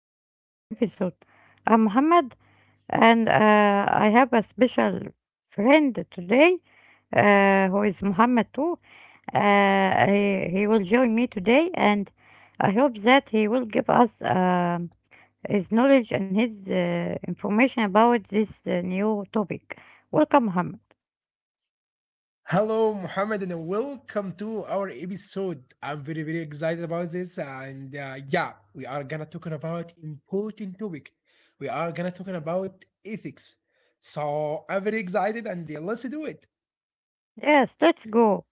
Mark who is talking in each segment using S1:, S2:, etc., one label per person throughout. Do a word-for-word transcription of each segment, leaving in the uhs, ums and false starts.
S1: our new episode. I'm Muhammad, and uh, I have a special friend today uh, who is Muhammad too. Uh, he, he will join me today, and I hope that he will give us um his knowledge and his uh, information about this uh, new topic. Welcome, Muhammad.
S2: Hello, Mohammed, and welcome to our episode. I'm very, very excited about this, and uh, yeah, we are gonna talking about important topic. We are gonna talking about ethics. So I'm very excited, and uh, let's do it.
S1: Yes, let's go.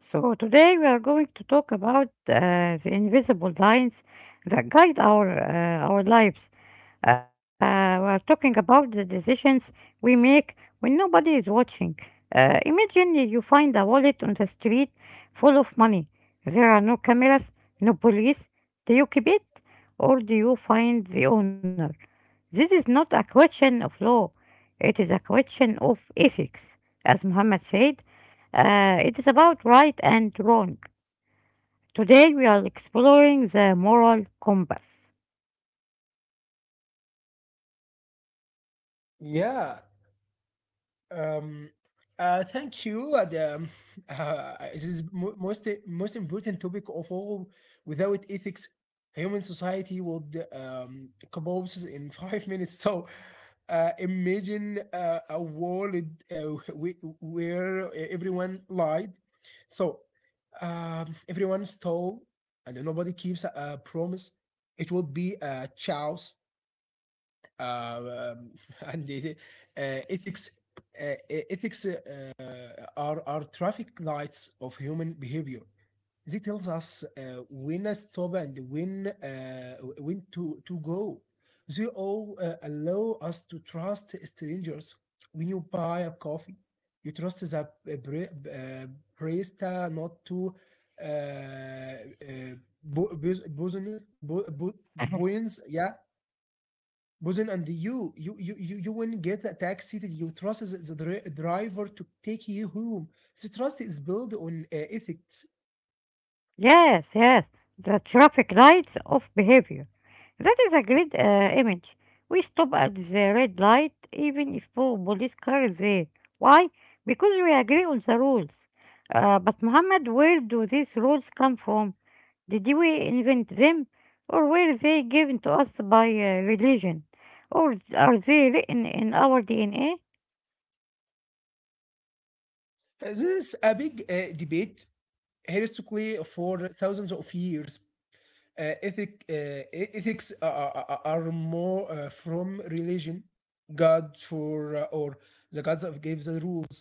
S1: So today we are going to talk about uh, the invisible lines that guide our uh, our lives. Uh, we are talking about the decisions we make when nobody is watching. Uh, imagine you find a wallet on the street full of money. There are no cameras, no police. Do you keep it or do you find the owner? This is not a question of law. It is a question of ethics. As Muhammad said, uh, it is about right and wrong. Today we are exploring the moral compass.
S2: Yeah. Um, uh, Thank you. And, um, uh, it is mo- most most important topic of all. Without ethics, human society would um, collapse in five minutes. So, uh, imagine uh, a world uh, wh- where everyone lied. So, um, Everyone stole, and nobody keeps a, a promise. It would be a chaos. uh, um, عندي uh, ethics uh, ethics uh, are are traffic lights of human behavior. They tells us uh, when to stop and when uh, when to to go. They all uh, allow us to trust strangers. When you buy a coffee, you trust the uh, bre- uh, barista not to uh, uh, bu- bus- business bu- bu- buoyance, yeah. Buzen, and you, you, you, you, you won't get a taxi that you trust the the dri- driver to take you home. The trust is built on uh, ethics.
S1: Yes, yes, the traffic lights of behavior. That is a great uh, image. We stop at the red light even if po- police car is there. Why? Because we agree on the rules. Uh, but Muhammad, where do these rules come from? Did we invent them, or were they given to us by uh, religion, or are they written in our D N A?
S2: Uh, This is a big uh, debate historically for thousands of years. Uh, ethic, uh, e- ethics are, are- are- More uh, from religion, God for uh, or the gods have gave the rules.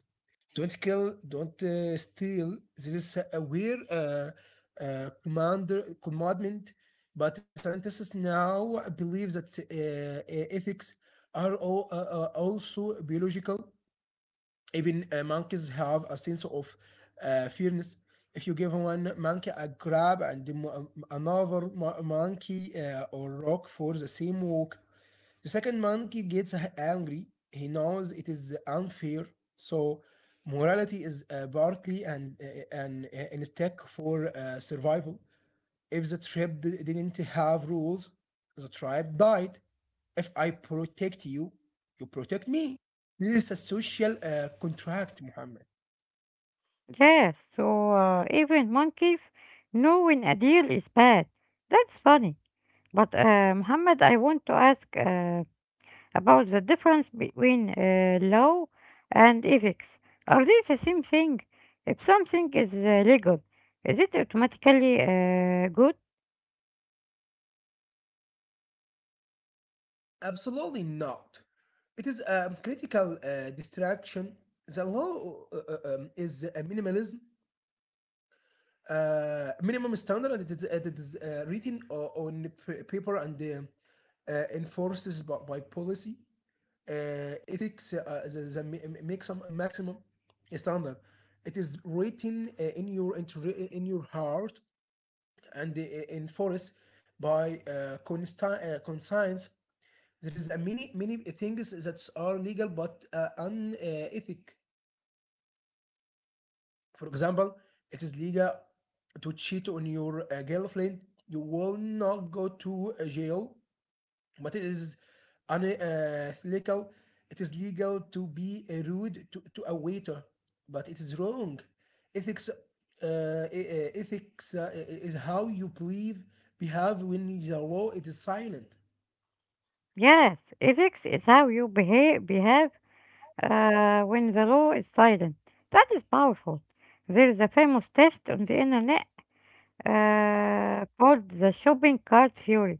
S2: Don't kill, don't uh, steal. This is a weird uh, uh, commander commandment, but scientists now believe that uh, uh, ethics are all, uh, uh, also biological. Even uh, monkeys have a sense of uh, fairness. If you give one monkey a grab and mo- another mo- monkey uh, or rock for the same walk, the second monkey gets angry. He knows it is unfair, so morality is uh, partly an, uh, an uh, instinct for uh, survival. If the tribe didn't have rules, the tribe died. If I protect you, you protect me. This is a social uh, contract, Muhammad.
S1: Yes, so uh, even monkeys know when a deal is bad. That's funny. But uh, Muhammad, I want to ask uh, about the difference between uh, law and ethics. Are they the same thing? If something is uh, legal, is it automatically uh, good?
S2: Absolutely not. It is a critical uh, distraction. The law uh, uh, um, is a minimalism uh, minimum standard, and it is, it is uh, written o- on p- paper and uh, uh, enforces by, by policy. Uh, ethics uh, the, the mi- mi- make some maximum standard. It is written uh, in your inter- in your heart and uh, enforced by uh, consta- uh, conscience. There is a many many things that are legal but uh, unethic. For example, it is legal to cheat on your uh, girlfriend. You will not go to uh, jail, but it is unethical. It is legal to be uh, rude to, to a waiter, but it is wrong. Ethics, uh, e, uh, Ethics uh, is how you believe, behave when the law it is silent.
S1: Yes, ethics is how you behave, behave uh, when the law is silent. That is powerful. There is a famous test on the internet uh, called the shopping cart theory.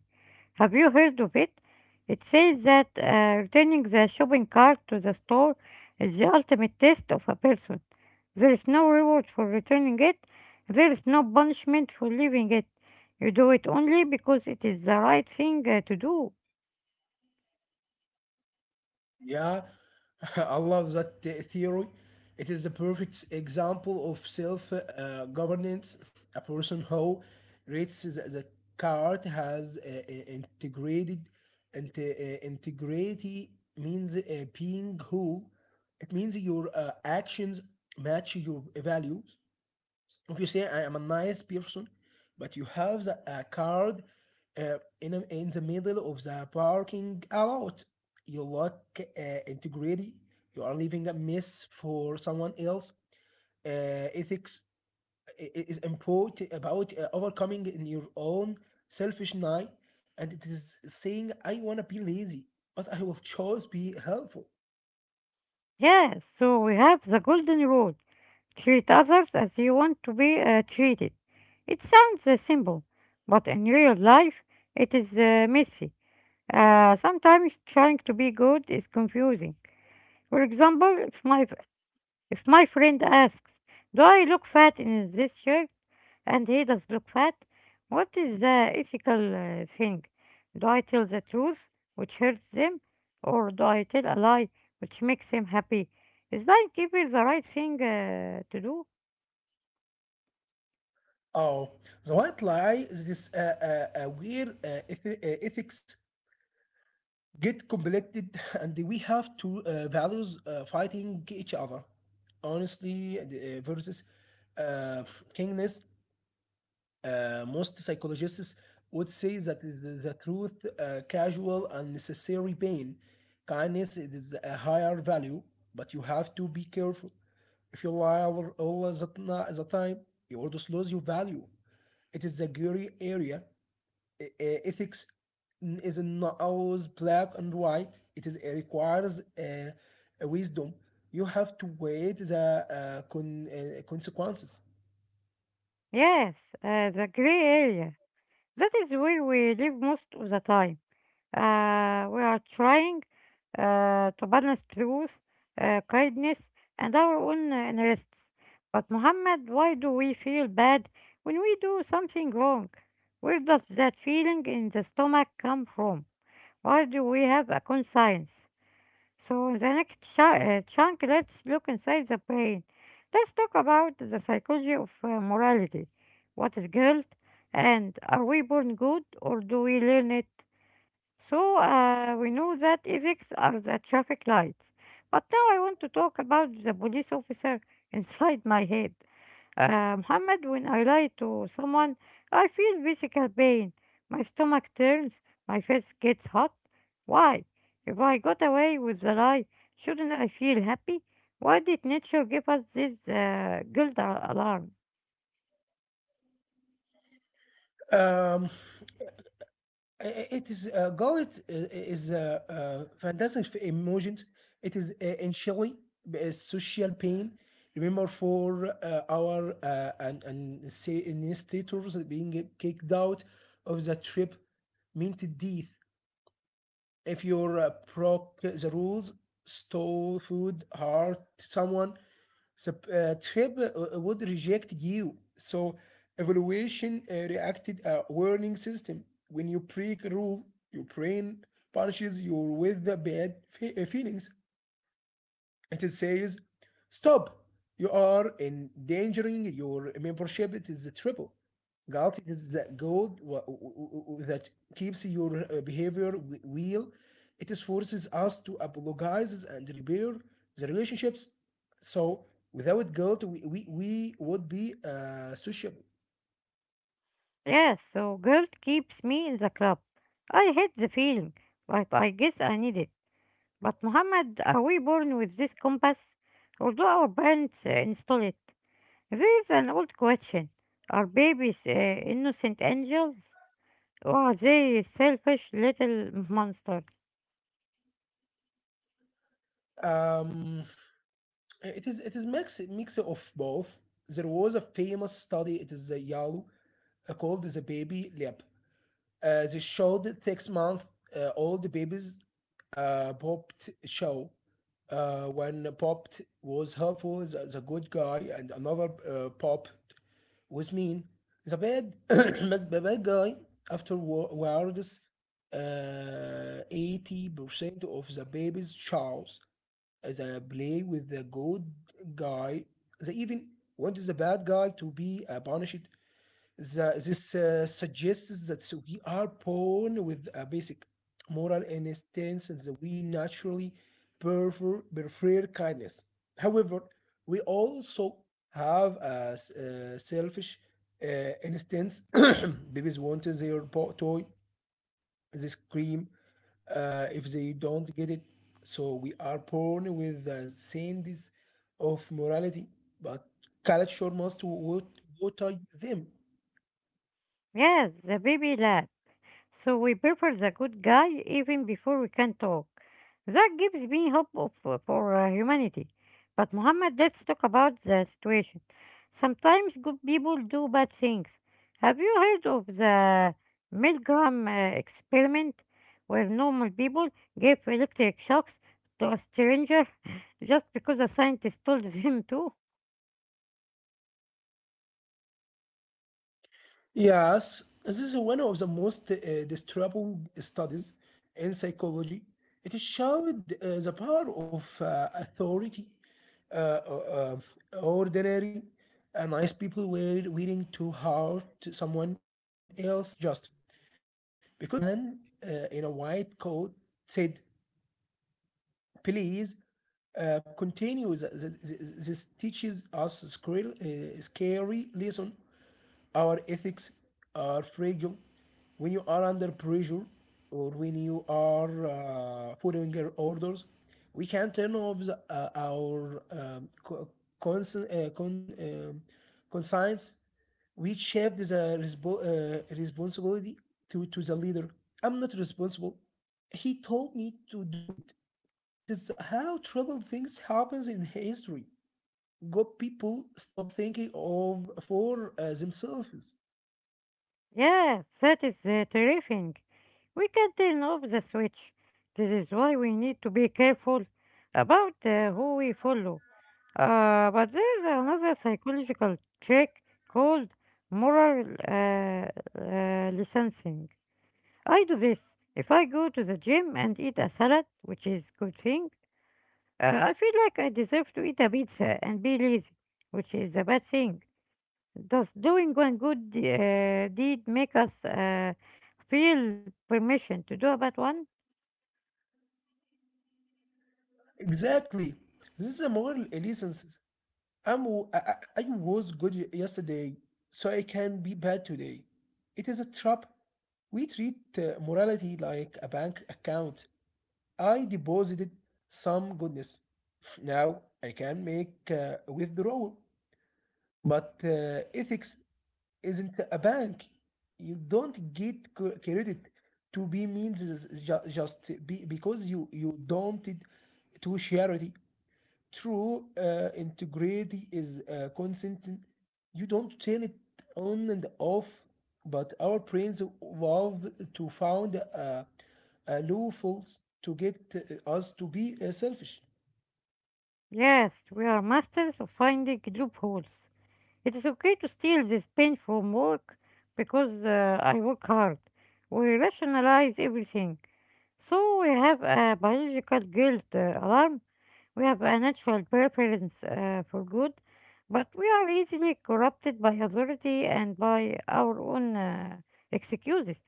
S1: Have you heard of it? It says that uh, returning the shopping cart to the store is the ultimate test of a person. There is no reward for returning it, there is no punishment for leaving it. You do it only because it is the right thing uh, to do.
S2: Yeah, I love that the- theory. It is the perfect example of self uh, governance. A person who reads the, the card has uh, uh, integrated into uh, integrity means uh, being whole. It means your uh, actions match your values. If you say I am a nice person, but you have the, a card uh, in, a- in the middle of the parking lot, you look uh, integrity. You are leaving a mess for someone else. Uh, ethics is important about uh, overcoming in your own selfish night, and it is saying I wanna be lazy, but I will choose be helpful.
S1: Yeah, so we have the golden rule treat others as you want to be uh, treated. It sounds uh, simple, but in real life, it is uh, messy. Uh, sometimes trying to be good is confusing. For example, if my if my friend asks, "Do I look fat in this shirt?" and he does look fat, what is the ethical uh, thing? Do I tell the truth, which hurts them, or do I tell a lie, which makes him happy? Is lying even the right thing uh, to do?
S2: Oh, the white lie is this uh, uh, uh, weird uh, eth- uh, ethics get completed. And we have two uh, values uh, fighting each other, honestly the, uh, versus uh, kingness. Uh, most psychologists would say that is the, the truth, uh, casual and necessary pain. Kindness is a higher value, but you have to be careful. If you lie all all the, ti- the time, you always lose your value. It is a gray area. E- e- ethics is not always black and white. It is it requires uh, a wisdom. You have to weigh the uh, con- uh, consequences.
S1: Yes, uh, the gray area. That is where we live most of the time. Uh, we are trying uh, to balance truth, uh, kindness, and our own uh, interests. But, Muhammad, why do we feel bad when we do something wrong? Where does that feeling in the stomach come from? Why do we have a conscience? So, in the next ch- uh, chunk, let's look inside the brain. Let's talk about the psychology of uh, morality. What is guilt? And are we born good or do we learn it? So uh, we know that ethics are the traffic lights. But now I want to talk about the police officer inside my head. Uh, Muhammad, when I lie to someone, I feel physical pain. My stomach turns, my face gets hot. Why? If I got away with the lie, shouldn't I feel happy? Why did nature give us this uh, guilt a- alarm?
S2: Um, it is uh, Gullet uh, is uh, uh, fantastic for emotions. It is uh, initially a social pain. Remember for uh, our uh, and and say administrators being kicked out of the trip meant death. If you're uh, broke the rules, stole food, hurt someone, the uh, trip uh, uh, would reject you. So evaluation uh, reacted a warning system. When you break a rule, your brain punishes you with the bad fe- uh, feelings. It says, stop! You are endangering your membership. It is a triple. Gout. It is the gold that keeps your uh, behavior w- wheel. It is forces us to apologize and repair the relationships. So without guilt, we, we, we would be uh, sociable.
S1: Yes, so guilt keeps me in the club. I hate the feeling, but I guess I need it. But Muhammad, are we born with this compass? Or do our parents uh, install it? This is an old question. Are babies uh, innocent angels? Or are they selfish little monsters?
S2: Um, it is it is mix mix of both. There was a famous study. It is a Yale uh, called the baby leap. Uh, they showed the six month uh, old babies uh, popped show. Uh, when popped was helpful, the, the good guy, and another uh, popped was mean. The bad, but the bad guy afterwards, uh, eighty percent of the babies Charles as a play with the good guy. They even wanted the bad guy to be uh, punished. The, this uh, suggests that we are born with a basic moral instinct and that we naturally prefer, prefer kindness. However, we also have a, s- uh, selfish uh, instincts. Babies want their po- toy, they scream uh, if they don't get it. So we are born with the sands of morality, but culture must wa- water them.
S1: Yes, the baby lab. So we prefer the good guy even before we can talk. That gives me hope of, uh, for uh, humanity. But Muhammad, let's talk about the situation. Sometimes good people do bad things. Have you heard of the Milgram uh, experiment, where normal people gave electric shocks to a stranger just because a scientist told them to?
S2: Yes, this is one of the most uh, disturbing studies in psychology. It showed uh, the power of uh, authority. Uh, uh, uh, Ordinary, uh, nice people were willing to hurt someone else just because a man uh, in a white coat said, please uh, continue. Th- th- th- This teaches us scary, uh, scary lesson. Our ethics are fragile. When you are under pressure or when you are uh, following your orders, we can turn off the, uh, our um, co- conscience, uh, con- um, conscience we shift the respo- uh, responsibility to, to the leader. I'm not responsible. He told me to do it. It is how trouble things happens in history. Good people stop thinking of for uh, themselves.
S1: Yes, that is uh, terrifying. We can turn off the switch. This is why we need to be careful about uh, who we follow. Uh, but there is another psychological trick called moral uh, uh, licensing. I do this. If I go to the gym and eat a salad, which is good thing, uh, I feel like I deserve to eat a pizza and be lazy, which is a bad thing. Does doing one good uh, deed make us uh, feel permission to do a bad one?
S2: Exactly. This is a moral lessons. I'm, w- I, I- I was good y- yesterday, so I can be bad today. It is a trap. We treat uh, morality like a bank account. I deposited some goodness. Now I can make a withdrawal. But uh, ethics isn't a bank. You don't get cre- credit to be means is ju- just be, because you you don't it to charity. True uh, integrity is uh, consent. You don't turn it on and off, but our brains evolved to found uh, a loopholes to get uh, us to be uh, selfish.
S1: Yes, we are masters of finding loopholes. It is okay to steal this pen from work because uh, I work hard. We rationalize everything. So we have a biological guilt uh, alarm. We have a natural preference uh, for good, but we are easily corrupted by authority and by our own uh, excuses.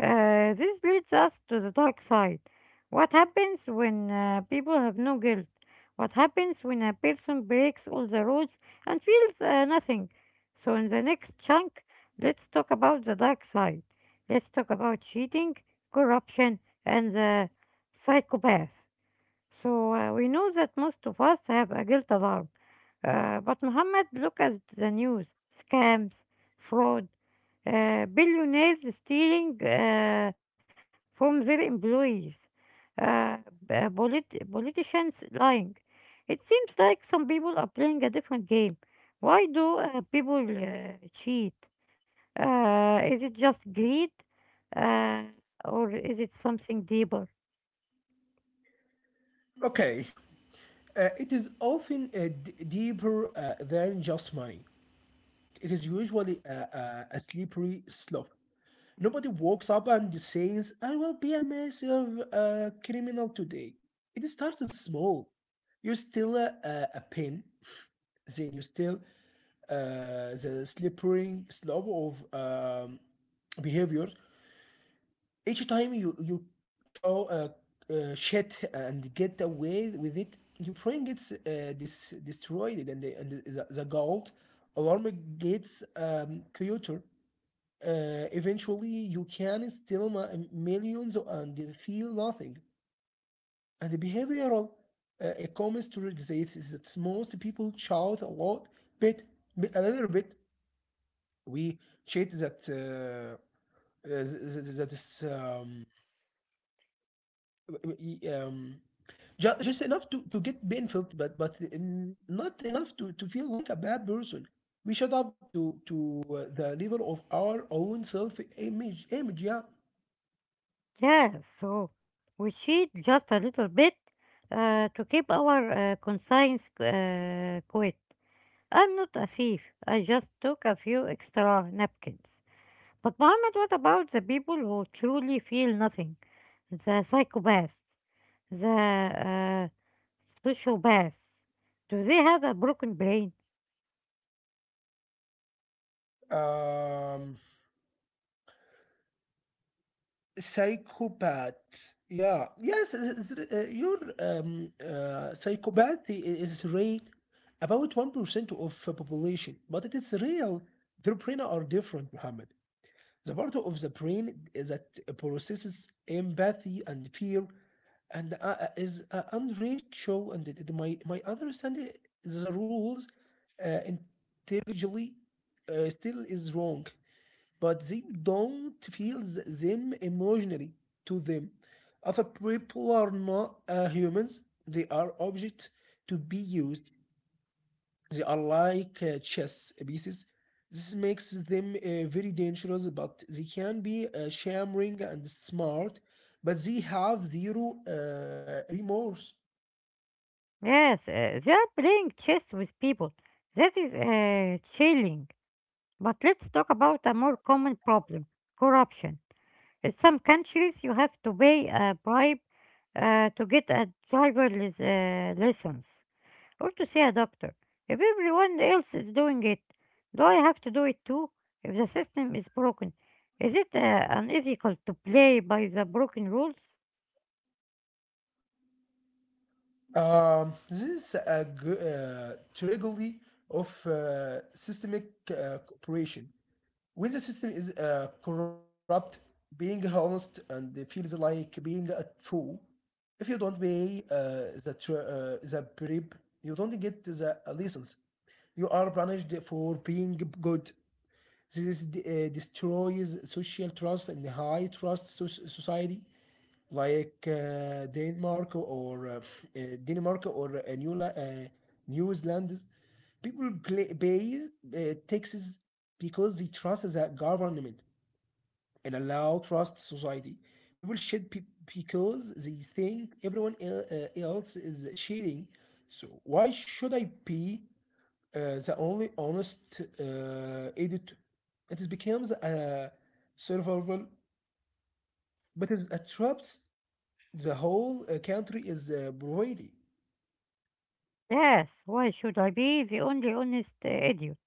S1: Uh, this leads us to the dark side. What happens when uh, people have no guilt? What happens when a person breaks all the rules and feels uh, nothing? So, in the next chunk, let's talk about the dark side. Let's talk about cheating, corruption, and the psychopath. So uh, we know that most of us have a guilt alarm. Uh, but Mohammed, look at the news scams, fraud, uh, billionaires stealing uh, from their employees, uh, b- uh, polit- politicians lying. It seems like some people are playing a different game. Why do uh, people uh, cheat? Uh, is it just greed? Uh, or is it something deeper?
S2: Okay, uh, it is often uh, d- deeper uh, than just money. It is usually a, a, a slippery slope. Nobody walks up and says, I will be a massive uh, criminal today. It starts small. You steal a, a, a pin, then you steal uh, the slippery slope of um, behavior. Each time you, you show uh, uh, shit and get away with it, your brain gets uh, dis- destroyed, and, the, and the, the gold alarm gets um, cuter. Uh, eventually you can steal mi- millions and feel nothing. And the behavioral uh, economist realizes is that most people shout a lot, bit, bit a little bit. We cheat that uh, uh, th- th- that is um, y- um, just, just enough to, to get benefit, but but n- not enough to, to feel like a bad person. We shut up to to uh, the level of our own self image image. Yeah.
S1: Yeah, so we cheat just a little bit uh, to keep our uh, conscience uh, quiet. I'm not a thief. I just took a few extra napkins. But Mohammed, what about the people who truly feel nothing? The psychopaths, the uh, sociopaths. Do they have a broken brain?
S2: um Psychopath, yeah, yes is- is- uh, your um uh, psychopath i- is rate about one percent of the population, but it is real. Their brain are different, Muhammad. The part of the brain that processes empathy and fear and uh, uh, is uh, unreachable, and it, it- my my understanding the rules uh, intelligently uh, still is wrong, but they don't feel them emotionally. To them, other people are not uh, humans, they are objects to be used. They are like uh, chess pieces. This makes them uh, very dangerous, but they can be uh, charming and smart, but they have zero uh, remorse.
S1: Yes, uh, they are playing chess with people. That is uh, chilling. But let's talk about a more common problem corruption. In some countries, you have to pay a bribe uh, to get a driver lic- uh, license or to see a doctor. If everyone else is doing it, do I have to do it too? If the system is broken, is it uh, unethical to play by the broken rules?
S2: Um, this is a g- uh, tragedy of uh, systemic uh, cooperation. When the system is uh, corrupt, being honest and feels like being a fool. If you don't pay uh, the tr- uh, the bribe, you don't get the license. You are punished for being good. This uh, destroys social trust and high trust so- society, like uh, Denmark or uh, uh, Denmark or uh, New La- uh, New Zealand. People play, pay uh, taxes because they trust the government and allow trust society. People shed pe- because they think everyone el- uh, else is cheating. So why should I be uh, the only honest uh, editor? And It is becomes a survival, but it traps the whole uh, country is uh, providing.
S1: Yes, why should I be the only honest uh, idiot?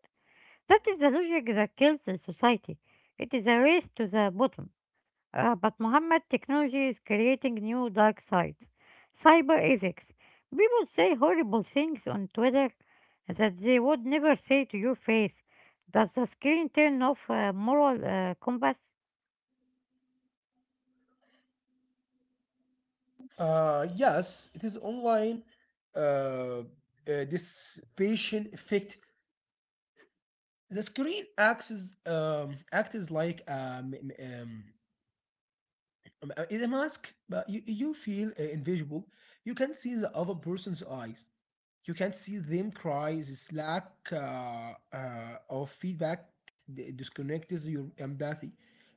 S1: That is the logic that kills the society. It is a race to the bottom. Uh, but Muhammad, technology is creating new dark sides. Cyber ethics. People say horrible things on Twitter that they would never say to your face. Does the screen turn off uh, moral uh, compass?
S2: Uh, yes, it is online. Uh, uh, this patient effect. The screen acts as, um, acts as like um, um, um, uh, is a mask, but you, you feel uh, invisible. You can see the other person's eyes. You can see them cry this lack uh, uh, of feedback d- disconnects your empathy.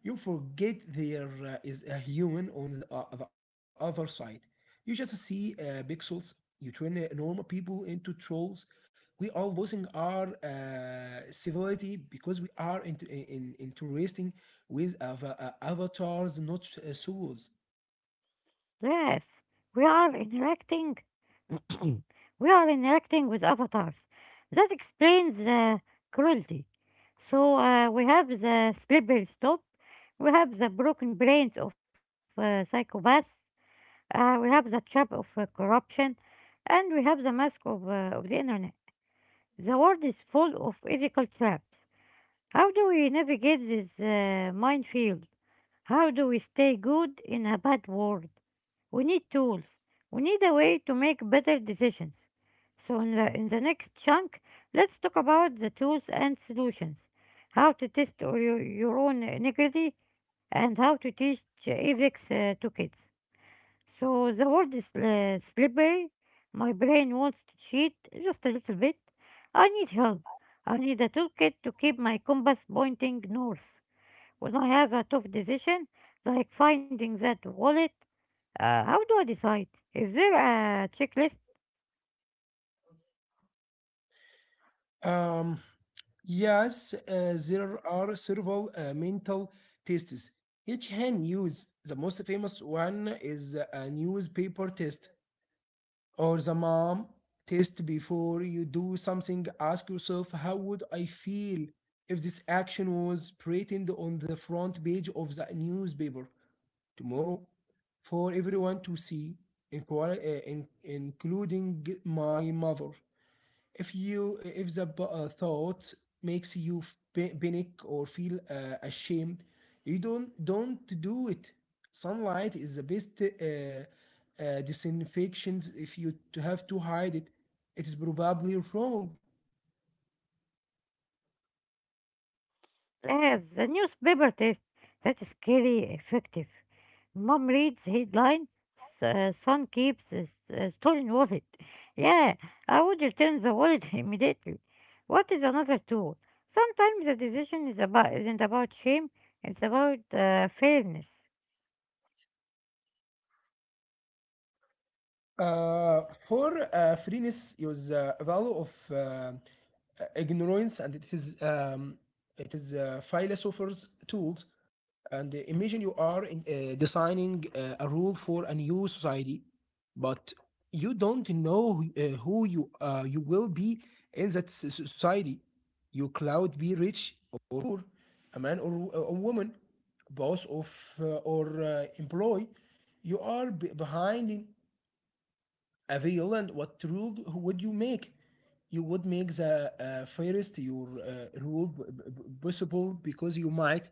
S2: You forget there uh, is a human on the, uh, the other side. You just see uh, pixels. You turn uh, normal people into trolls. We are losing our uh, civility because we are into, in, in, interesting with av- uh, avatars not uh, souls.
S1: Yes, we are interacting. We are interacting with avatars. That explains the cruelty. So uh, we have the slippery stop. We have the broken brains of uh, psychopaths. Uh, we have the trap of uh, corruption, and we have the mask of, uh, of the internet. The world is full of ethical traps. How do we navigate this uh, minefield? How do we stay good in a bad world? We need tools. We need a way to make better decisions. So in the in the next chunk, let's talk about the tools and solutions. How to test your, your own integrity and how to teach uh, ethics uh, to kids. So the word is uh, slippery. My brain wants to cheat just a little bit. I need help. I need a toolkit to keep my compass pointing north. When I have a tough decision, like finding that wallet, uh, how do I decide? Is there a checklist
S2: Um, yes, uh, there are several uh, mental tests. Each hand use the most famous one is a newspaper test or the mom test. Before you do something, ask yourself, how would I feel if this action was printed on the front page of the newspaper tomorrow for everyone to see, inclui- uh, in- including my mother? If you if the b- uh, thought makes you p- panic or feel uh, ashamed, you don't don't do it. Sunlight is the best uh, uh, disinfections. If you to have to hide it, it is probably wrong.
S1: Yes, the newspaper test. That's scary effective. Mom reads headline, s- uh, son keeps a s- a stolen wallet. Yeah, I would return the wallet immediately. What is another tool? Sometimes the decision is about, isn't about shame, it's about uh, fairness.
S2: Uh, for uh, freeness is uh, a value of uh, ignorance, and it is um, it is uh, philosophers' tools. And uh, Imagine you are in, uh, designing uh, a rule for a new society, but you don't know who- uh, who you uh, you will be in that s- s- society. You cloud be rich or poor, a man or uh, a woman, boss of uh, or uh, employee. You are b- behind in a real and what rule d- would you make? You would make the uh, fairest your uh, rule b- b- possible because you might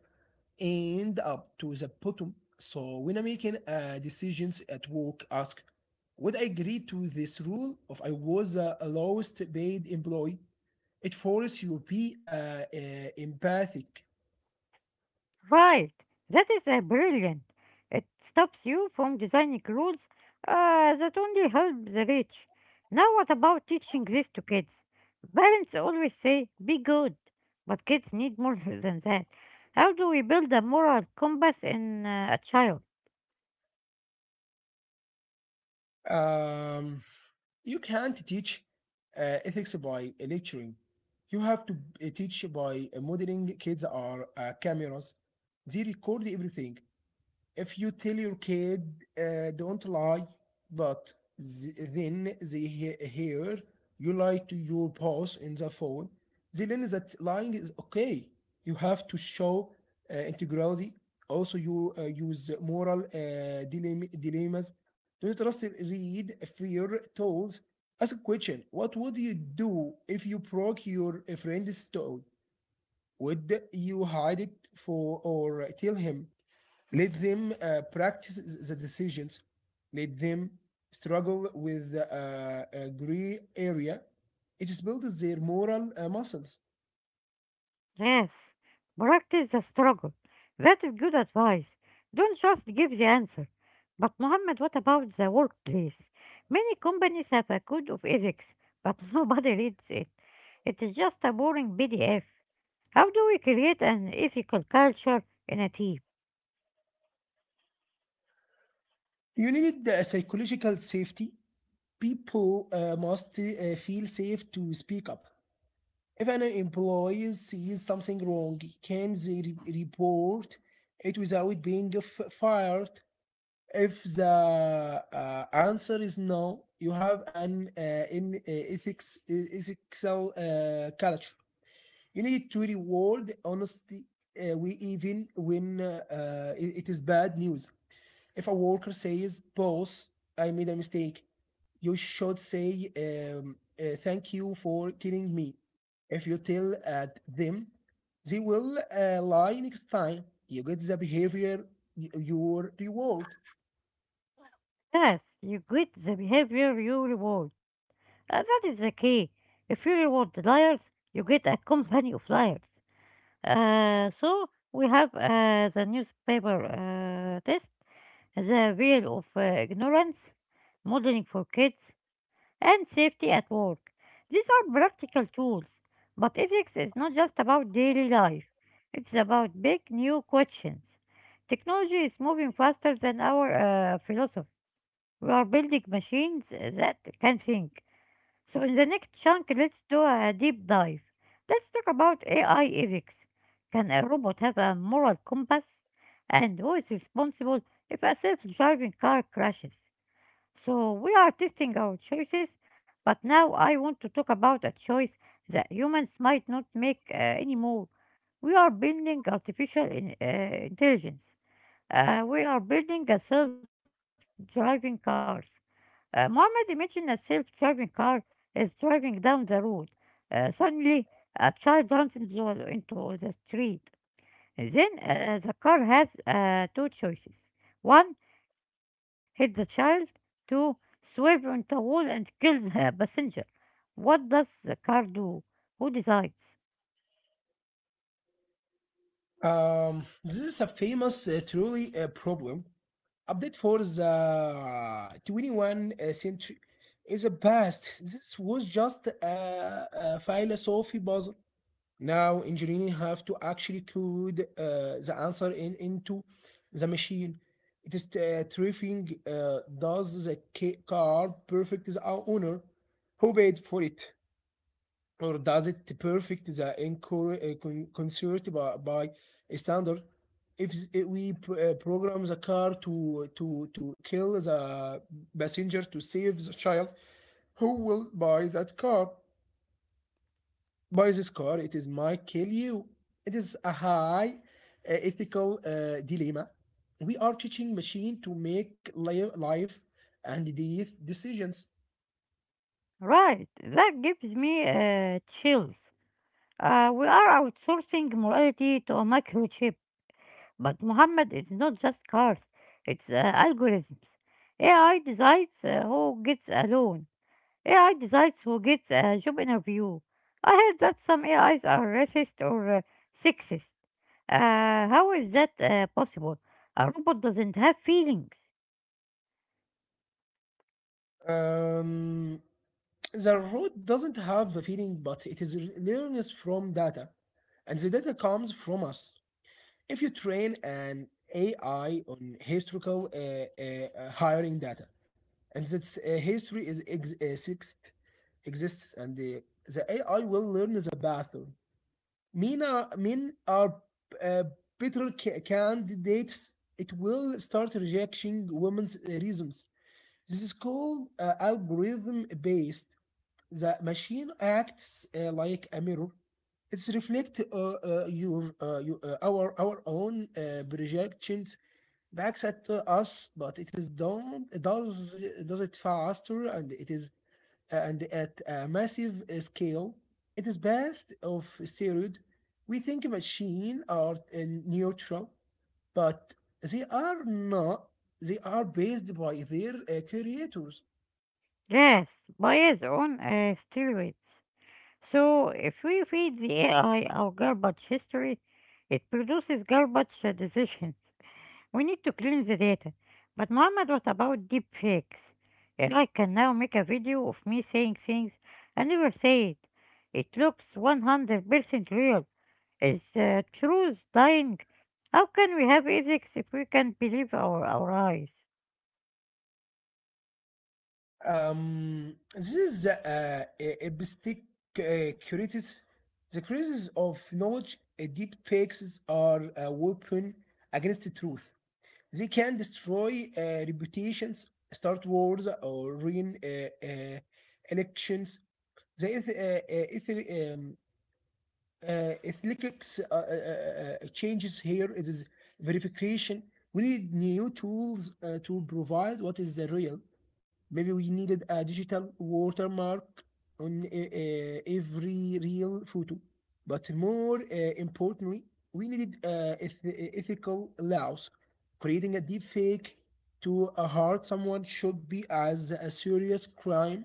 S2: end up to the bottom. So when I'm making uh, decisions at work, ask, would I agree to this rule if I was the lowest paid employee? It forces you to be uh, uh, empathic.
S1: Right, that is uh, brilliant. It stops you from designing rules uh, that only help the rich. Now, what about teaching this to kids? Parents always say, be good, but kids need more than that. How do we build a moral compass in uh, a child?
S2: Um, you can't teach uh, ethics by lecturing. You have to uh, teach by uh, modeling. Kids are uh, cameras. They record everything. If you tell your kid uh, don't lie, but th- then they he- hear you lie to your boss in the phone, they learn that lying is okay. You have to show uh, integrity. Also you uh, use moral uh, dilemma- dilemmas. Don't just read fear tools. Ask a question, what would you do if you broke your friend's toe? Would you hide it for or tell him? Let them uh, practice the decisions. Let them struggle with the uh, uh, gray area. It builds their moral uh, muscles.
S1: Yes, practice the struggle. That is good advice. Don't just give the answer. But, Mohammed, what about the workplace? Many companies have a code of ethics, but nobody reads it. It is just a boring P D F. How do we create an ethical culture in a team?
S2: You need the psychological safety. People uh, must uh, feel safe to speak up. If an employee sees something wrong, can they re- report it without being f- fired? If the uh, answer is no, you have an uh, in uh, ethics e- ethical uh, culture. You need to reward honesty, uh, we even when uh, uh, it is bad news. If a worker says, "Boss, I made a mistake," you should say, um, uh, "Thank you for telling me." If you tell at them, they will uh, lie next time. You get the behavior y- your reward.
S1: Yes, you get the behavior you reward. Uh, that is the key. If you reward the liars, you get a company of liars. Uh, so we have uh, the newspaper uh, test, the wheel of uh, ignorance, modeling for kids, and safety at work. These are practical tools, but ethics is not just about daily life. It's about big new questions. Technology is moving faster than our uh, philosophy. We are building machines that can think, so, in the next chunk, let's do a deep dive. Let's talk about A I ethics. Can a robot have a moral compass? And who is responsible if a self driving car crashes? So, we are testing our choices, but now I want to talk about a choice that humans might not make uh, anymore. We are building artificial in, uh, intelligence. Uh, we are building a self driving cars. Uh, Muhammad, imagined a self-driving car is driving down the road. Uh, suddenly, a child runs into, into the street. Then uh, the car has uh, two choices. One, hit the child. Two, swerve into a wall and kill the passenger. What does the car do? Who decides?
S2: Um, this is a famous, uh, truly uh, problem. Update for the twenty-first century is a past. This was just a, a philosophy puzzle. Now engineers have to actually code uh, the answer in, into the machine. It is uh, terrifying. Uh, does the ca- car perfect the owner who paid for it? Or does it perfect the incur- uh, concert by, by a standard? If we uh, program the car to to to kill the passenger to save the child, who will buy that car? Buy this car, it is my kill you. It is a high uh, ethical uh, dilemma. We are teaching machine to make li- life and death decisions.
S1: Right, that gives me uh, chills. Uh, we are outsourcing morality to a microchip. But Muhammad, it's not just cars, it's uh, algorithms. A I decides uh, who gets a loan. A I decides who gets a job interview. I heard that some A Is are racist or uh, sexist. Uh, how is that uh, possible? A robot doesn't have feelings.
S2: um The root doesn't have the feeling, but it is learns from data, and the data comes from us. If you train an A I on historical uh, uh, uh, hiring data, and that uh, history is ex- uh, sixth, exists, and the, the A I will learn the pattern. Mean are, mean are uh, better ca- candidates. It will start rejecting women's uh, reasons. This is called uh, algorithm based. The machine acts uh, like a mirror. It's reflect uh, uh, your, uh, your uh, our our own uh, projections back at uh, us, but it is done does does it faster and it is uh, and at a massive uh, scale. It is best of steroid. We think machine are uh, neutral, but they are not. They are based by their uh, creators.
S1: Yes, bias on uh, steroids. So if we feed the A I our garbage history, it produces garbage uh, decisions. We need to clean the data. But Mohammed, what about deep fakes? If I can now make a video of me saying things I never said. It looks one hundred percent real. Is the truth dying? How can we have ethics if we can't believe our, our eyes?
S2: Um, this is the uh, a- a basic, uh, curities. The curities of knowledge, uh, deep fakes are a weapon against the truth. They can destroy uh, reputations, start wars, or ruin uh, uh, elections. The eth- uh, uh, eth- um, uh, ethnicics uh, uh, uh, uh, changes here. It is verification. We need new tools uh, to provide what is the real. Maybe we needed a digital watermark on uh, uh, every real photo. But more uh, importantly, we needed uh, eth- uh, ethical laws. Creating a deep fake to uh, hurt someone should be as a serious crime.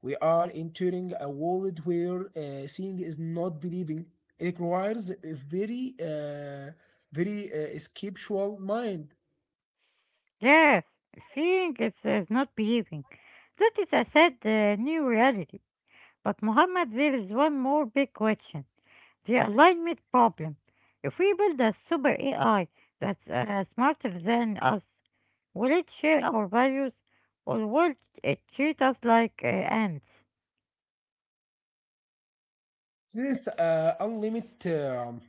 S2: We are entering a world where uh, seeing is not believing. It requires a very, uh, very uh, skeptical mind.
S1: Yes, seeing is, is not believing. That is a sad uh, new reality. But Mohammed, there is one more big question. The alignment problem. If we build a super A I that's uh, smarter than us, will it share our values or will it treat us like uh, ants?
S2: This uh, unlimited um,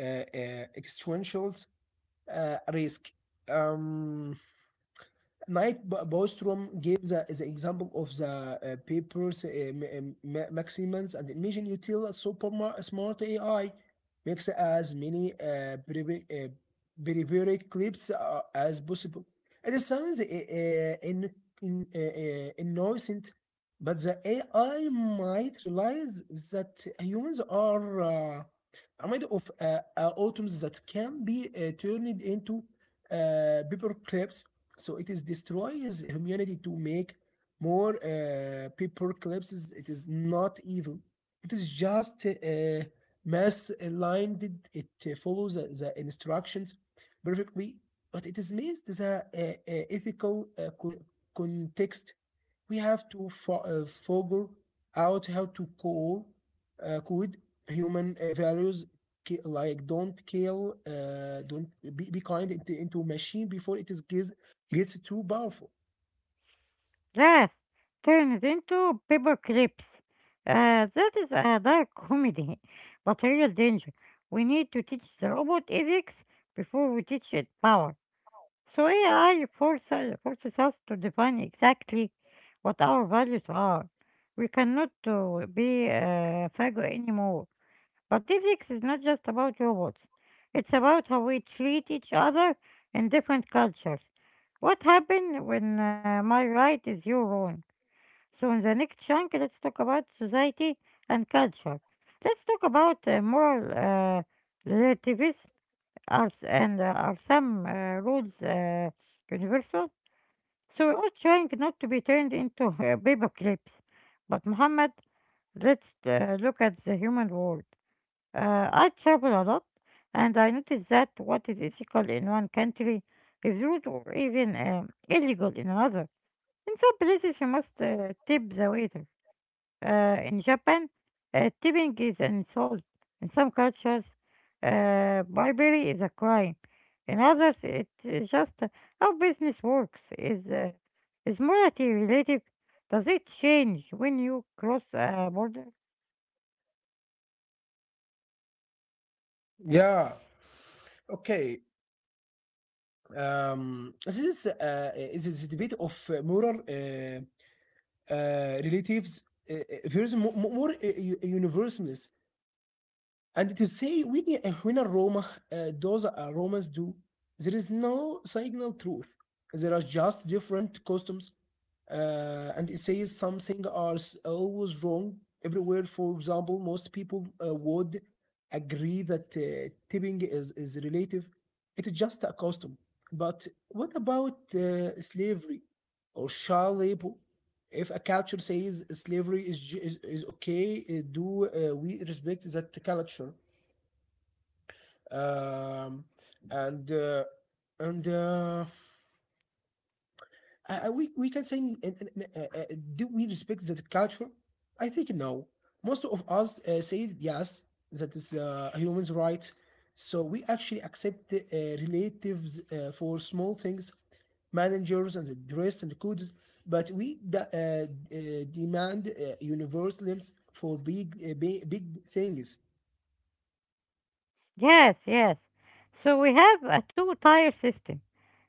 S2: uh, uh, existential uh, risk. Um, Mike Bo- Bostrom gave the, the example of the uh, papers uh, m- uh, m- maximums and imagine you tell a super mar- smart A I makes as many uh, brevi- uh, behavior clips uh, as possible. It sounds uh, uh, in, in, uh, uh, innocent, but the A I might realize that humans are uh, are made of uh, uh, atoms that can be uh, turned into uh, paper clips, so it is destroys humanity to make more uh, paper clips. It is not evil. It is just uh, mass aligned. It uh, follows the, the instructions perfectly, but it is missed the uh, uh, ethical uh, co- context. We have to fo- uh, figure out how to call, uh, code human uh, values like don't kill uh, don't be, be kind into, into machine before it is gives it's too powerful.
S1: Yes, turned into paper clips. Uh, that is a dark comedy, but a real danger. We need to teach the robot ethics before we teach it power. So A I forces, forces us to define exactly what our values are. We cannot uh, be uh, fago anymore. But ethics is not just about robots. It's about how we treat each other in different cultures. What happens when uh, my right is your wrong? So in the next chunk, let's talk about society and culture. Let's talk about uh, moral uh, relativism. Arts, and uh, are some uh, rules uh, universal? So we're all trying not to be turned into uh, paper clips. But Muhammad, let's uh, look at the human world. Uh, I travel a lot, and I notice that what is ethical in one country is rude or even um, illegal in another. In some places, you must uh, tip the waiter. Uh, in Japan, uh, tipping is an insult. In some cultures, uh, bribery is a crime. In others, it is just uh, how business works. Is uh, is morality relative? Does it change when you cross a border?
S2: Yeah. Okay. Um, this is uh, is this debate of uh, moral uh, uh, relatives uh, uh, versus mo- mo- more uh, u- universalists, and to say when uh, when a Roma uh, does a Romans do, there is no signal truth. There are just different customs, uh, and it says something are s- always wrong everywhere. For example, most people uh, would agree that uh, tipping is, is relative. It is just a custom. But what about uh, slavery or child labor? If a culture says slavery is ju- is, is okay, uh, do uh, we respect that culture? Um, and uh, and uh, Uh, uh, we, we can say, n- uh, uh, do we respect that culture? I think no. Most of us uh, say yes, that is uh, a human's right. So we actually accept uh, relatives uh, for small things, managers and the dress and codes, but we de- uh, uh, demand uh, universalisms for big, uh, big, big things.
S1: Yes, yes. So we have a two-tier system.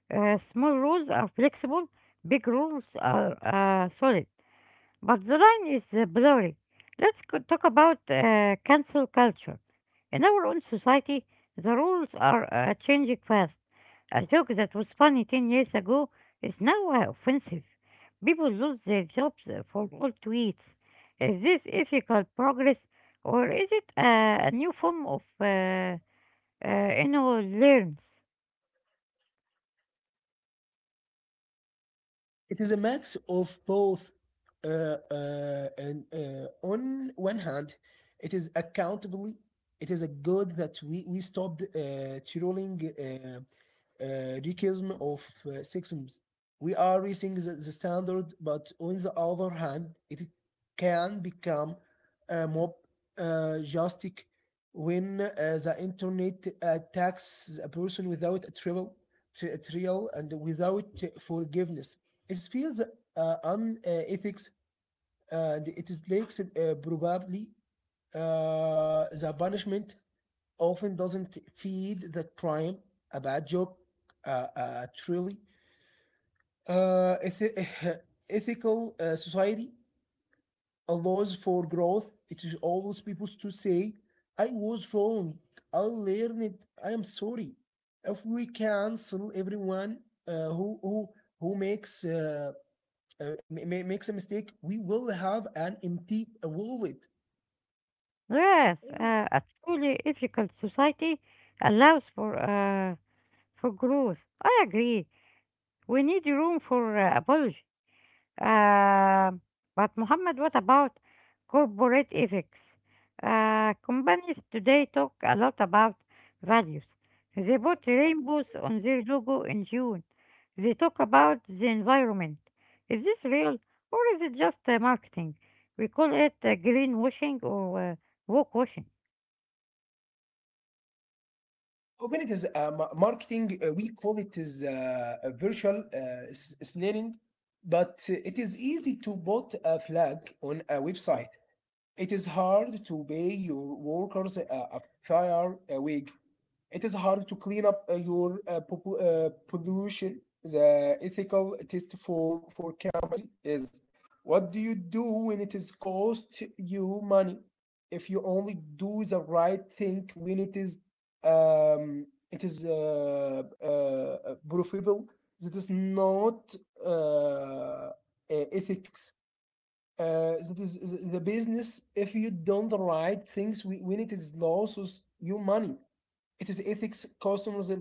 S1: Uh, small rules are flexible. Big rules are uh, solid. But the line is uh, blurry. Let's co- talk about uh, cancel culture. In our own society, the rules are uh, changing fast. A joke that was funny ten years ago is now uh, offensive. People lose their jobs uh, for old tweets. Is this ethical progress or is it uh, a new form of uh, uh, inner learns?
S2: It is a mix of both. Uh, uh, and uh, On one hand, it is accountably, it is a good that we we stopped uh, trolling uh, uh, realism of uh, sexism. We are raising the, the standard, but on the other hand, it can become uh, more uh, justice when uh, the internet attacks a person without a trial, tri- trial and without forgiveness. It feels uh, unethics, uh, and it is like uh, probably uh, the punishment often doesn't feed the crime. A bad joke, uh, uh, truly. Uh, eth- ethical uh, society allows for growth. It is always people to say, I was wrong. I learned. I am sorry. If we cancel everyone uh, who, who, who makes uh, uh, ma- makes a mistake, we will have an empty wallet.
S1: Yes, uh, a truly ethical society allows for, uh, for growth. I agree. We need room for uh, apology. Uh, but Muhammad, what about corporate ethics? Uh, companies today talk a lot about values. They put rainbows on their logo in June. They talk about the environment. Is this real or is it just uh, marketing? We call it uh, greenwashing or uh, woke washing.
S2: Often it is uh, ma- marketing. Uh, we call it is uh, a virtual uh, s- snaring, but uh, it is easy to put a flag on a website. It is hard to pay your workers uh, a fair uh, wage. It is hard to clean up uh, your uh, popu- uh, pollution. The ethical test for for company is what do you do when it is cost you money? If you only do the right thing when it is um, it is uh, uh, profitable, that is not uh, uh, ethics, uh, that is, is the business. If you don't write things we- when it is losses your money, it is ethics. Customers uh,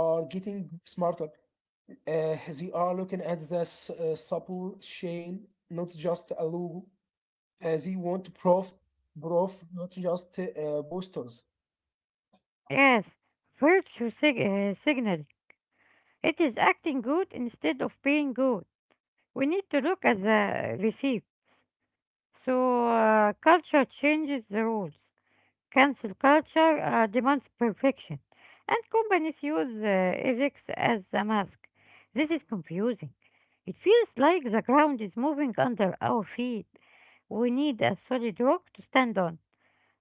S2: are getting smarter. Uh, they are looking at the s- uh, supple chain, not just a logo. Uh, they want proof, proof, not just uh, posters.
S1: Yes, virtue sig- uh, signaling. It is acting good instead of being good. We need to look at the receipt. So, uh, culture changes the rules. Cancel culture uh, demands perfection, and companies use uh, ethics as a mask. This is confusing. It feels like the ground is moving under our feet. We need a solid rock to stand on.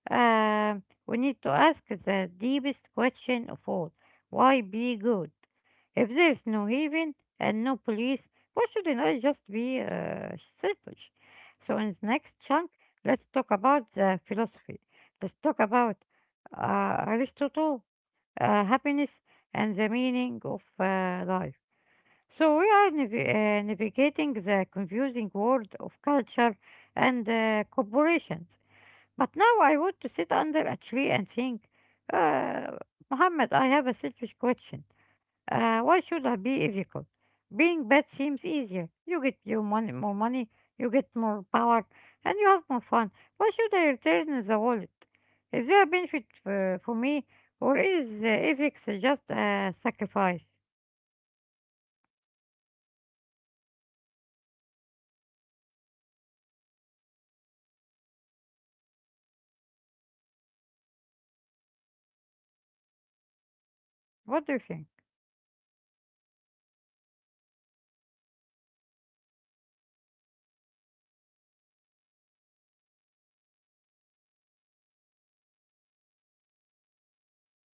S1: Uh, we need to ask the deepest question of all: why be good? If there is no heaven and no police, why shouldn't I just be uh, selfish? So, in the next chunk, let's talk about the philosophy. Let's talk about uh, Aristotle, uh, happiness, and the meaning of uh, life. So, we are nav- uh, navigating the confusing world of culture and uh, corporations. But now I want to sit under a tree and think, uh, Muhammad, I have a selfish question. Uh, why should I be ethical? Being bad seems easier. You get your money, more money, you get more power, and you have more fun. Why should I return the wallet? Is there a benefit uh, for me, or is uh, ethics just a sacrifice? What do you think?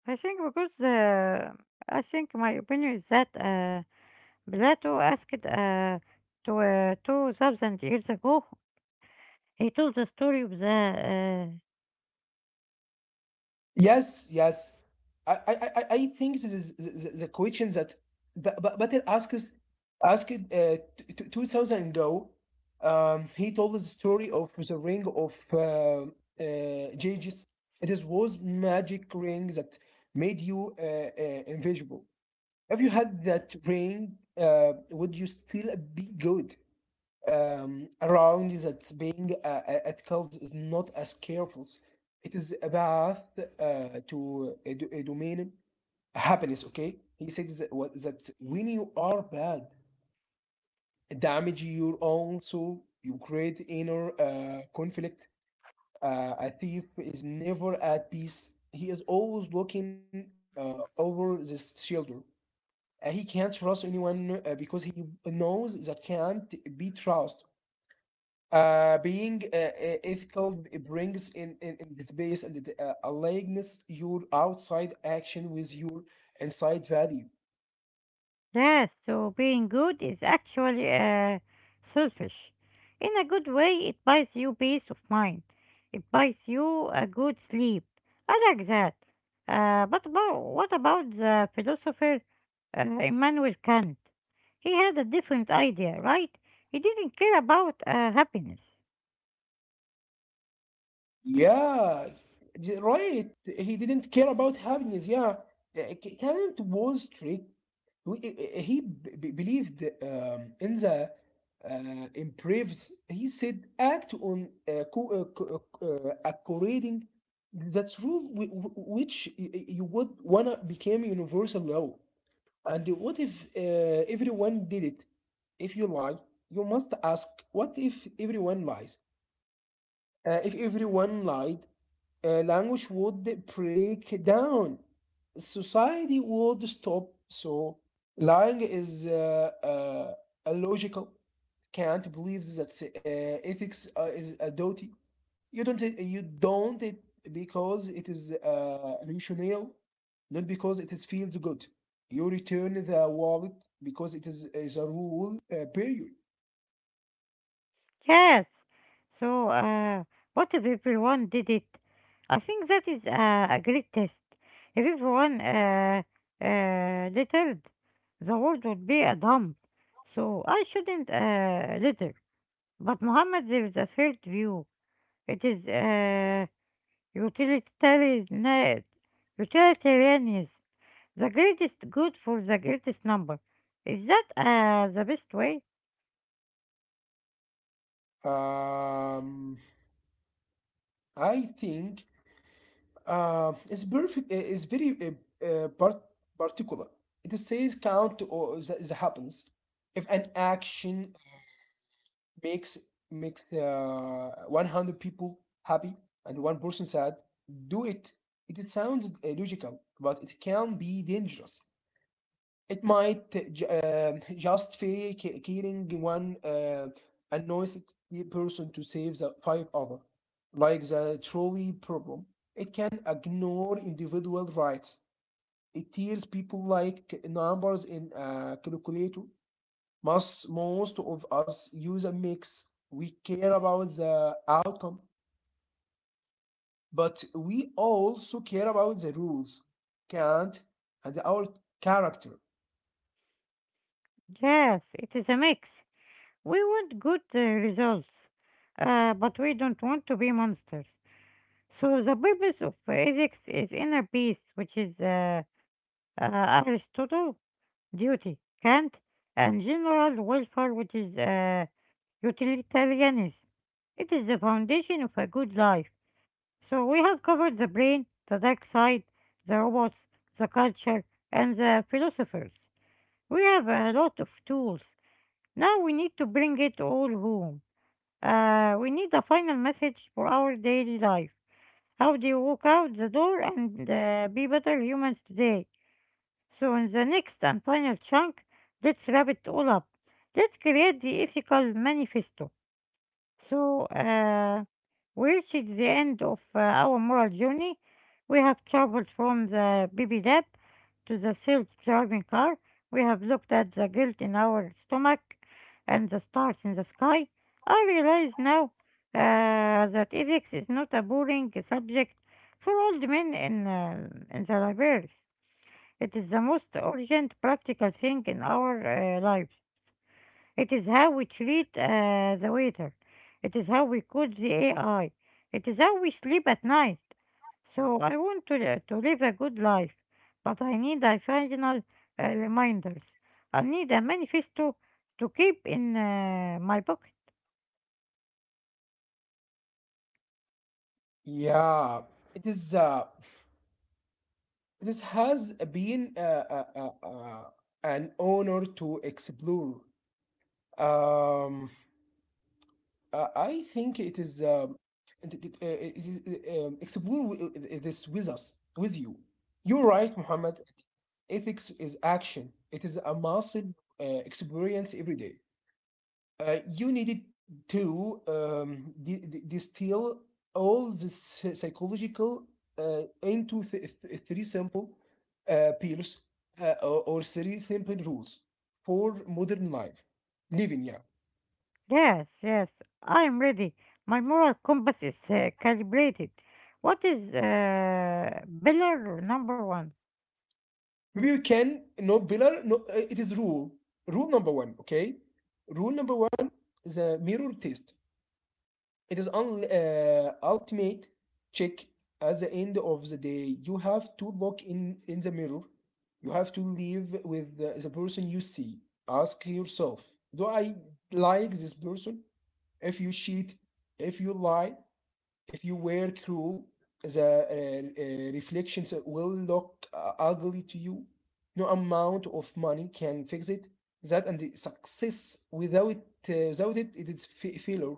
S1: I think because uh, I think my opinion is that. Uh, Plato asked uh, to uh, two thousand years ago, he told the story of the uh,
S2: Yes, yes. I, I, I I- I think this is the, the the question that Ba- Ba- Batel asks asked uh, t- t- two thousand ago. Um, he told the story of the ring of uh, uh, Jages. It is was magic ring that made you uh, uh, invisible. If you had that ring, uh, would you still be good? Um, around that, being uh, uh, ethical is not as careful. It is a path uh, to a, do- a domain happiness. Okay, he said that, wa- that when you are bad, damage your own soul, you create inner uh, conflict. Uh, a thief is never at peace. He is always looking uh, over his shoulder. Uh, he can't trust anyone uh, because he knows that can't be trust. Uh, being uh, uh, ethical, it brings in, in, in the space, and it, uh, aligns your outside action with your inside value.
S1: death. So being good is actually uh, selfish. In a good way, it buys you peace of mind. It buys you a good sleep. I like that. Uh, but about, what about the philosopher uh, Immanuel Kant? He had a different idea, right? He didn't care about uh, happiness.
S2: Yeah, j- right. He didn't care about happiness. Yeah. Uh, K- Kant was strict. We- uh, uh, He b- b- believed um, in the uh, improves. He said, act on uh, co- uh, co- uh, according that rule, whi- whi- which y- y- you would wanna become universal law. And what if uh, everyone did it? If you lie, you must ask, what if everyone lies? Uh, if everyone lied, uh, language would break down. Society would stop. So lying is uh, uh, illogical. Can't believe that uh, ethics uh, is a duty. You don't. uh, You don't it because it is uh, rational, not because it is feels good. You return the wallet because it is, is a rule. Uh, period.
S1: Yes. So, uh, what if everyone did it? I think that is a, a great test. If everyone uh, uh, littered, the world would be a dump. So I shouldn't uh, litter. But Muhammad, there is a third view. It is uh, utilitarian, utilitarianism, the greatest good for the greatest number. Is that uh, the best way?
S2: Um, I think Uh, it's perfect. uh, It's very uh, uh, part- particular. It says count or the, the happens. If an action makes makes uh, one hundred people happy and one person sad, do it. It sounds uh, logical, but it can be dangerous. It might uh, ju- uh, just be ki- killing one uh, annoyed person to save the five other. Like the trolley problem, it can ignore individual rights. It tears people like uh, numbers in a calculator. Most, most of us use a mix. We care about the outcome, but we also care about the rules, can't, and our character.
S1: Yes, it is a mix. We want good uh, results, uh, but we don't want to be monsters. So the purpose of ethics is inner peace, which is uh, uh, Aristotle; duty, Kant; and general welfare, which is uh, utilitarianism. It is the foundation of a good life. So we have covered the brain, the dark side, the robots, the culture, and the philosophers. We have a lot of tools. Now we need to bring it all home. Uh, we need a final message for our daily life. How do you walk out the door and uh, be better humans today? So, in the next and final chunk, let's wrap it all up. Let's create the ethical manifesto. So, uh, we reached the end of uh, our moral journey. We have traveled from the baby lab to the self driving car. We have looked at the guilt in our stomach and the stars in the sky. I realize now uh, that ethics is not a boring subject for old men in, uh, in the libraries. It is the most urgent practical thing in our uh, lives. It is how we treat uh, the waiter. It is how we code the A I. It is how we sleep at night. So I want to, li- to live a good life, but I need a final uh, reminders. I need a manifesto to keep in uh, my pocket.
S2: Yeah, it is. Uh, This has been uh, uh, uh, uh, an honor to explore. Um, uh, I think it is um, it- it- uh, it- it- um, explore wi- uh, uh, this with us, with you. You're right, Muhammad. Ethics is action. It is a muscle uh, experience every day. Uh, you needed to um, di- di- distill all this psy- psychological uh, into th- th- three simple uh, pillars uh, or, or three simple rules for modern life living. Yeah,
S1: Yes, yes, I am ready. My moral compass is uh, calibrated. What is uh, pillar number one?
S2: maybe we can no pillar. No, uh, it is rule. Rule number one. Okay, rule number one: the mirror test. It is un- uh, ultimate check at the end of the day. You have to look in, in the mirror. You have to live with the, the person you see. Ask yourself, do I like this person? If you cheat, if you lie, if you were cruel, the uh, uh, reflections will look uh, ugly to you. No amount of money can fix it. That and the success without it, uh, without it, it is failure.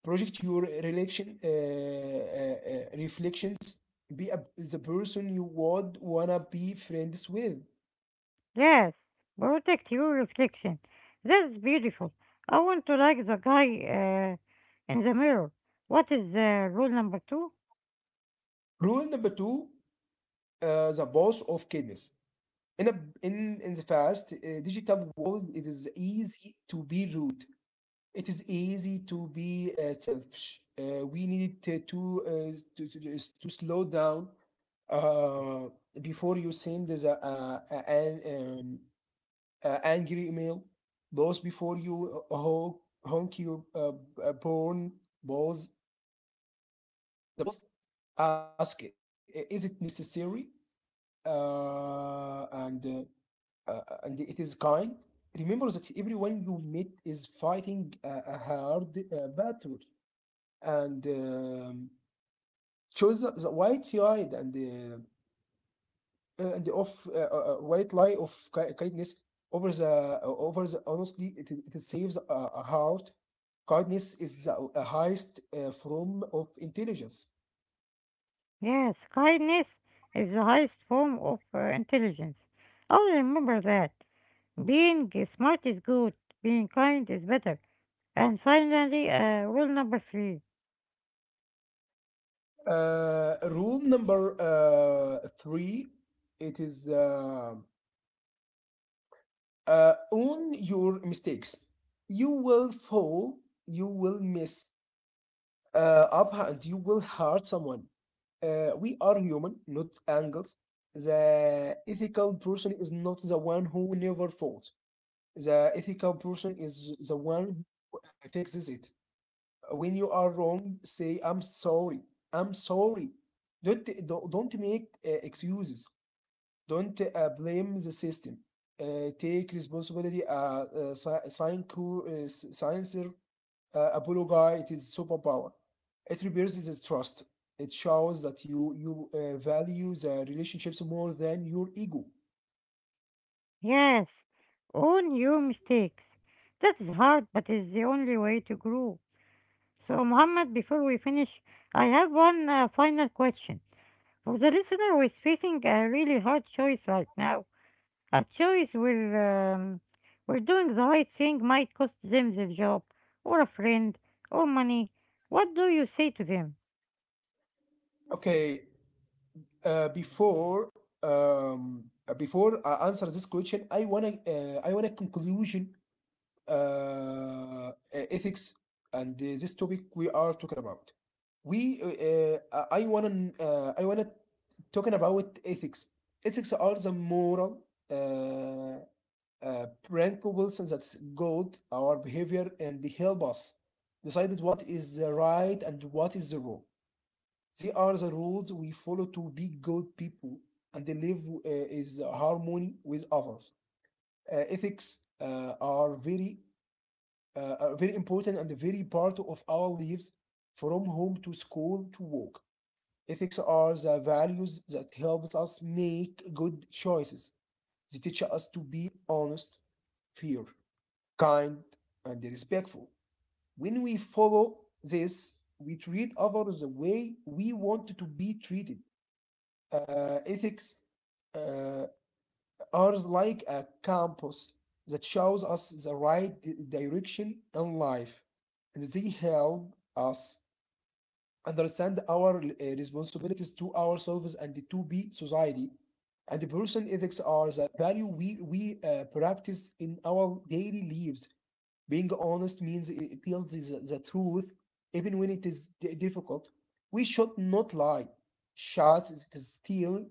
S2: Project your relation uh, uh, uh, reflections. Be a, the person you would wanna be friends with.
S1: Yes, protect your reflection. That's beautiful. I want to like the guy uh, in the mirror. What is uh, rule number two?
S2: Rule number two, uh, the boss of kindness. In a, in in the fast uh, digital world, it is easy to be rude. It is easy to be uh, selfish. Uh, we need to to, uh, to, to to slow down. uh, Before you send the uh, uh, an um, uh, angry email, boss. Before you uh, honk, honk your uh, uh, porn balls with a boss, ask, "I- "is it necessary uh, and uh, uh, and it is kind." Remember that everyone you meet is fighting a, a hard uh, battle, and um, choose the the white eyed and uh, uh, and of uh, uh, uh, white lie of ki- kindness over the, uh, over the honestly. It, is- it saves a, a heart. Kindness is the a highest uh, form of intelligence.
S1: Yes, kindness is the highest form of uh, intelligence. I'll remember that. Being smart is good, being kind is better. And finally, uh, rule number three.
S2: Uh, rule number uh, three, it is uh, uh, own your mistakes. You will fall, you will miss uh, up, and you will hurt someone. Uh, we are human, not angels. The ethical person is not the one who never fought. The ethical person is the one who fixes it. When you are wrong, say, I'm sorry. I'm sorry. Don't, don't don't make uh, excuses. Don't uh, blame the system. Uh, take responsibility. Uh, uh, sci- science, cur- uh, s- science uh, Apollo guy, it is superpower. It reveals his trust. It shows that you you uh, value the relationships more than your ego.
S1: Yes, own your mistakes. That is hard, but it's the only way to grow. So, Mohammed, before we finish, I have one uh, final question. For the listener who is facing a really hard choice right now, a choice where, um, where doing the right thing might cost them their job, or a friend, or money, what do you say to them?
S2: Okay, uh, before um, uh, before I answer this question, I wanna uh, I wanna conclusion uh, e-, ethics and uh, this topic we are talking about. We uh, uh, I wanna uh, I wanna talking about ethics. Ethics are the moral uh, uh, Branko Wilson, that's gold, our behavior, and they help us decided what is the right and what is the wrong. They are the rules we follow to be good people, and they live uh, is harmony with others. Uh, ethics uh, are very uh, are very important and very part of our lives from home to school to work. Ethics are the values that helps us make good choices. They teach us to be honest, fair, kind, and respectful. When we follow this, we treat others the way we want to be treated. Uh, ethics uh, are like a compass that shows us the right di- direction in life, and they help us understand our uh, responsibilities to ourselves and to be society. And the person ethics are the value we we uh, practice in our daily lives. Being honest means it tells the, the truth even when it is di- difficult. We should not lie. Shut is is still.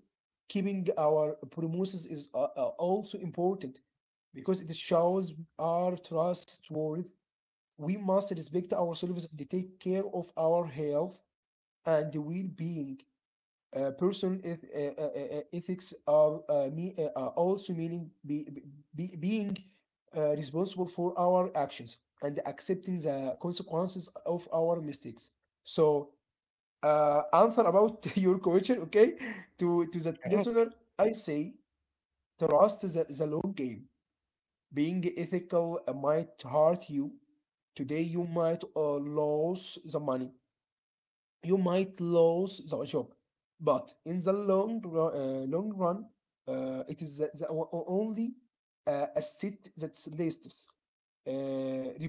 S2: Keeping our promises is uh, uh, also important because it shows our trustworth. We must respect ourselves and take care of our health and well-being. Uh, personal eth- uh, uh, uh, uh, ethics are uh, me- uh, are also meaning be- be- being uh, responsible for our actions and accepting the consequences of our mistakes. So, uh, answer about your question, okay? To to that
S1: Uh,
S2: listener, I say trust the, the long game. Being ethical might hurt you today. You might uh, lose the money, you might lose the job, but in the long run, uh, long run, uh, it is the, the o- o- only uh, asset that's lasts. Uh,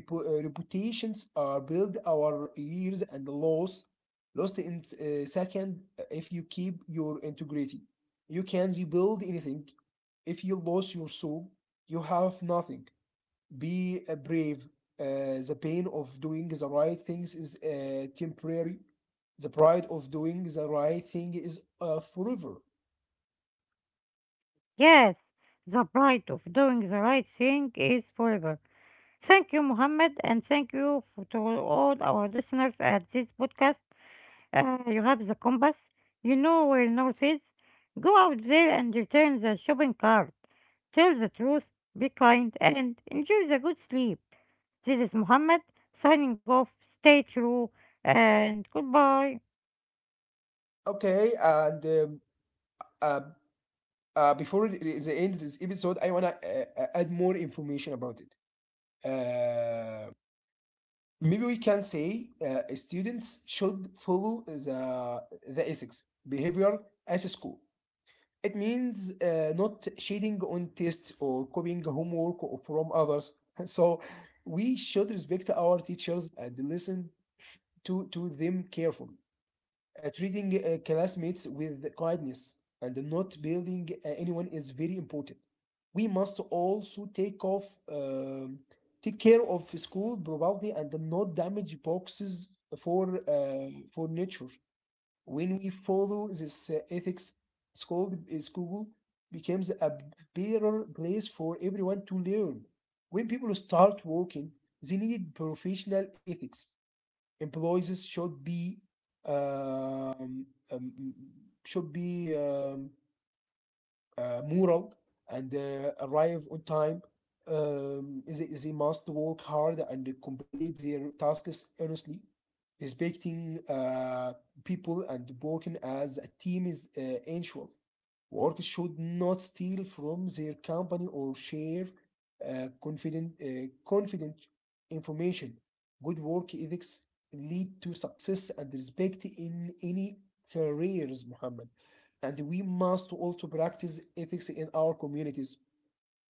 S2: repu- uh, Reputations are built our years and lost, lost in uh, second. uh, If you keep your integrity, you can rebuild anything. If you lose your soul, you have nothing. Be uh, brave. Uh, the pain of doing the right things is uh, temporary. The pride of doing the right thing is uh, forever.
S1: yes, the pride of doing the right thing is forever. Thank you, Mohammed, and thank you for, to all our listeners at this podcast. Uh, you have the compass. You know where north is. Go out there and return the shopping cart. Tell the truth, be kind, and enjoy the good sleep. This is Muhammad signing off. Stay true and goodbye.
S2: Okay, and um, uh, uh, before it- is the end of this episode, I wanna uh, uh, add more information about it. Uh, Maybe we can say uh, students should follow the the ethics behavior at school. It means uh, not cheating on tests or copying homework o- from others. So we should respect our teachers and listen to, to them carefully. Uh, treating uh, classmates with kindness and not building uh, anyone is very important. We must also take off, um, take care of school property and not damage boxes for uh, for nature. When we follow this uh, ethics, school uh, school becomes a better place for everyone to learn. When people start working, they need professional ethics. Employees should be um, um, should be um, uh, moral and uh, arrive on time. Um, they, they must work hard and complete their tasks honestly. Respecting uh, people and working as a team is uh, essential. Workers should not steal from their company or share uh, confident, uh, confident information. Good work ethics lead to success and respect in any careers, Muhammad. And we must also practice ethics in our communities.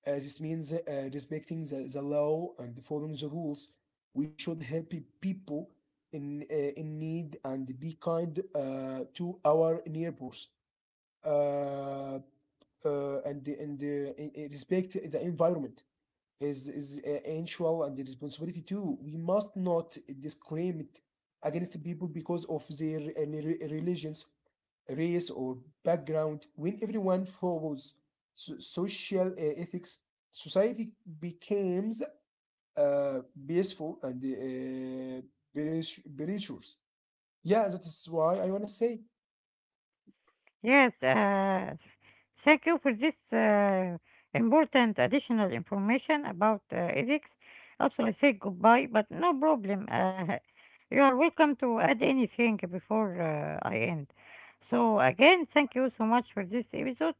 S2: Uh, this means uh, respecting the, the law and following the rules. We should help people in, uh, in need and be kind uh, to our neighbors. Uh, uh, and the- and uh, I- I- Respect the environment is is uh, essential and the responsibility too. We must not discriminate against people because of their uh, re- religions, race, or background. When everyone follows so- social uh, ethics, society becomes uh, peaceful and uh, virtu- virtuous. Yeah, that is why I want to say.
S1: Yes, uh, thank you for this uh, important additional information about uh, ethics. Also, I say goodbye, but no problem. Uh, you are welcome to add anything before uh, I end. So, again, thank you so much for this episode.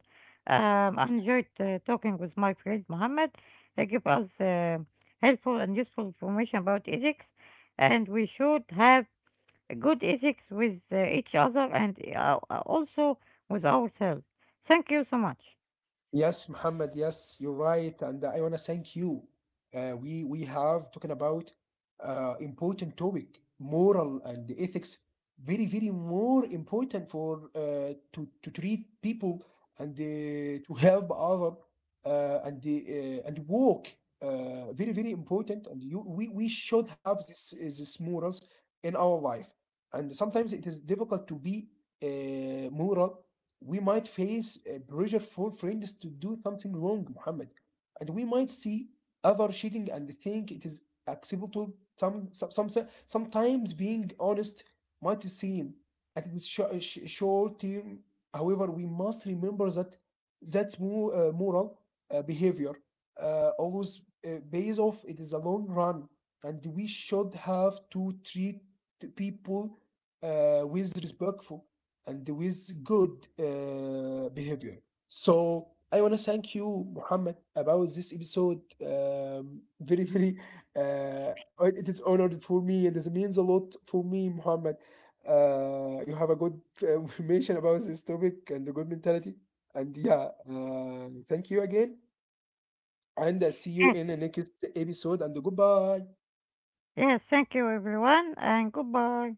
S1: Um, I enjoyed uh, talking with my friend Mohammed. He gave us uh, helpful and useful information about ethics, and we should have good ethics with uh, each other and uh, also with ourselves. Thank you so much.
S2: Yes, Muhammad, yes, you're right. And I want to thank you. Uh, we, we have talking about uh, important topic, moral and ethics, very, very more important for uh, to, to treat people and uh, to help other uh, and the uh, and work. Uh, very, very important. And you, we, we should have this, this morals in our life. And sometimes it is difficult to be uh, moral. We might face uh, pressure for friends to do something wrong, Muhammad, and we might see other cheating and think it is acceptable. To Some, some, some sometimes being honest might seem at its sho- sh- short term. However, we must remember that that mo- uh, moral uh, behavior uh, always uh, pays off. It is a long run, and we should have to treat people uh, with respect and with good uh, behavior. So I want to thank you, Muhammad, about this episode. Um, very, very, uh, it is honored for me, and it means a lot for me, Muhammad. Uh, you have a good uh, information about this topic and a good mentality. And yeah, uh, thank you again, and I see you
S1: Yes,
S2: in the next episode. And goodbye.
S1: yes, thank you everyone and goodbye.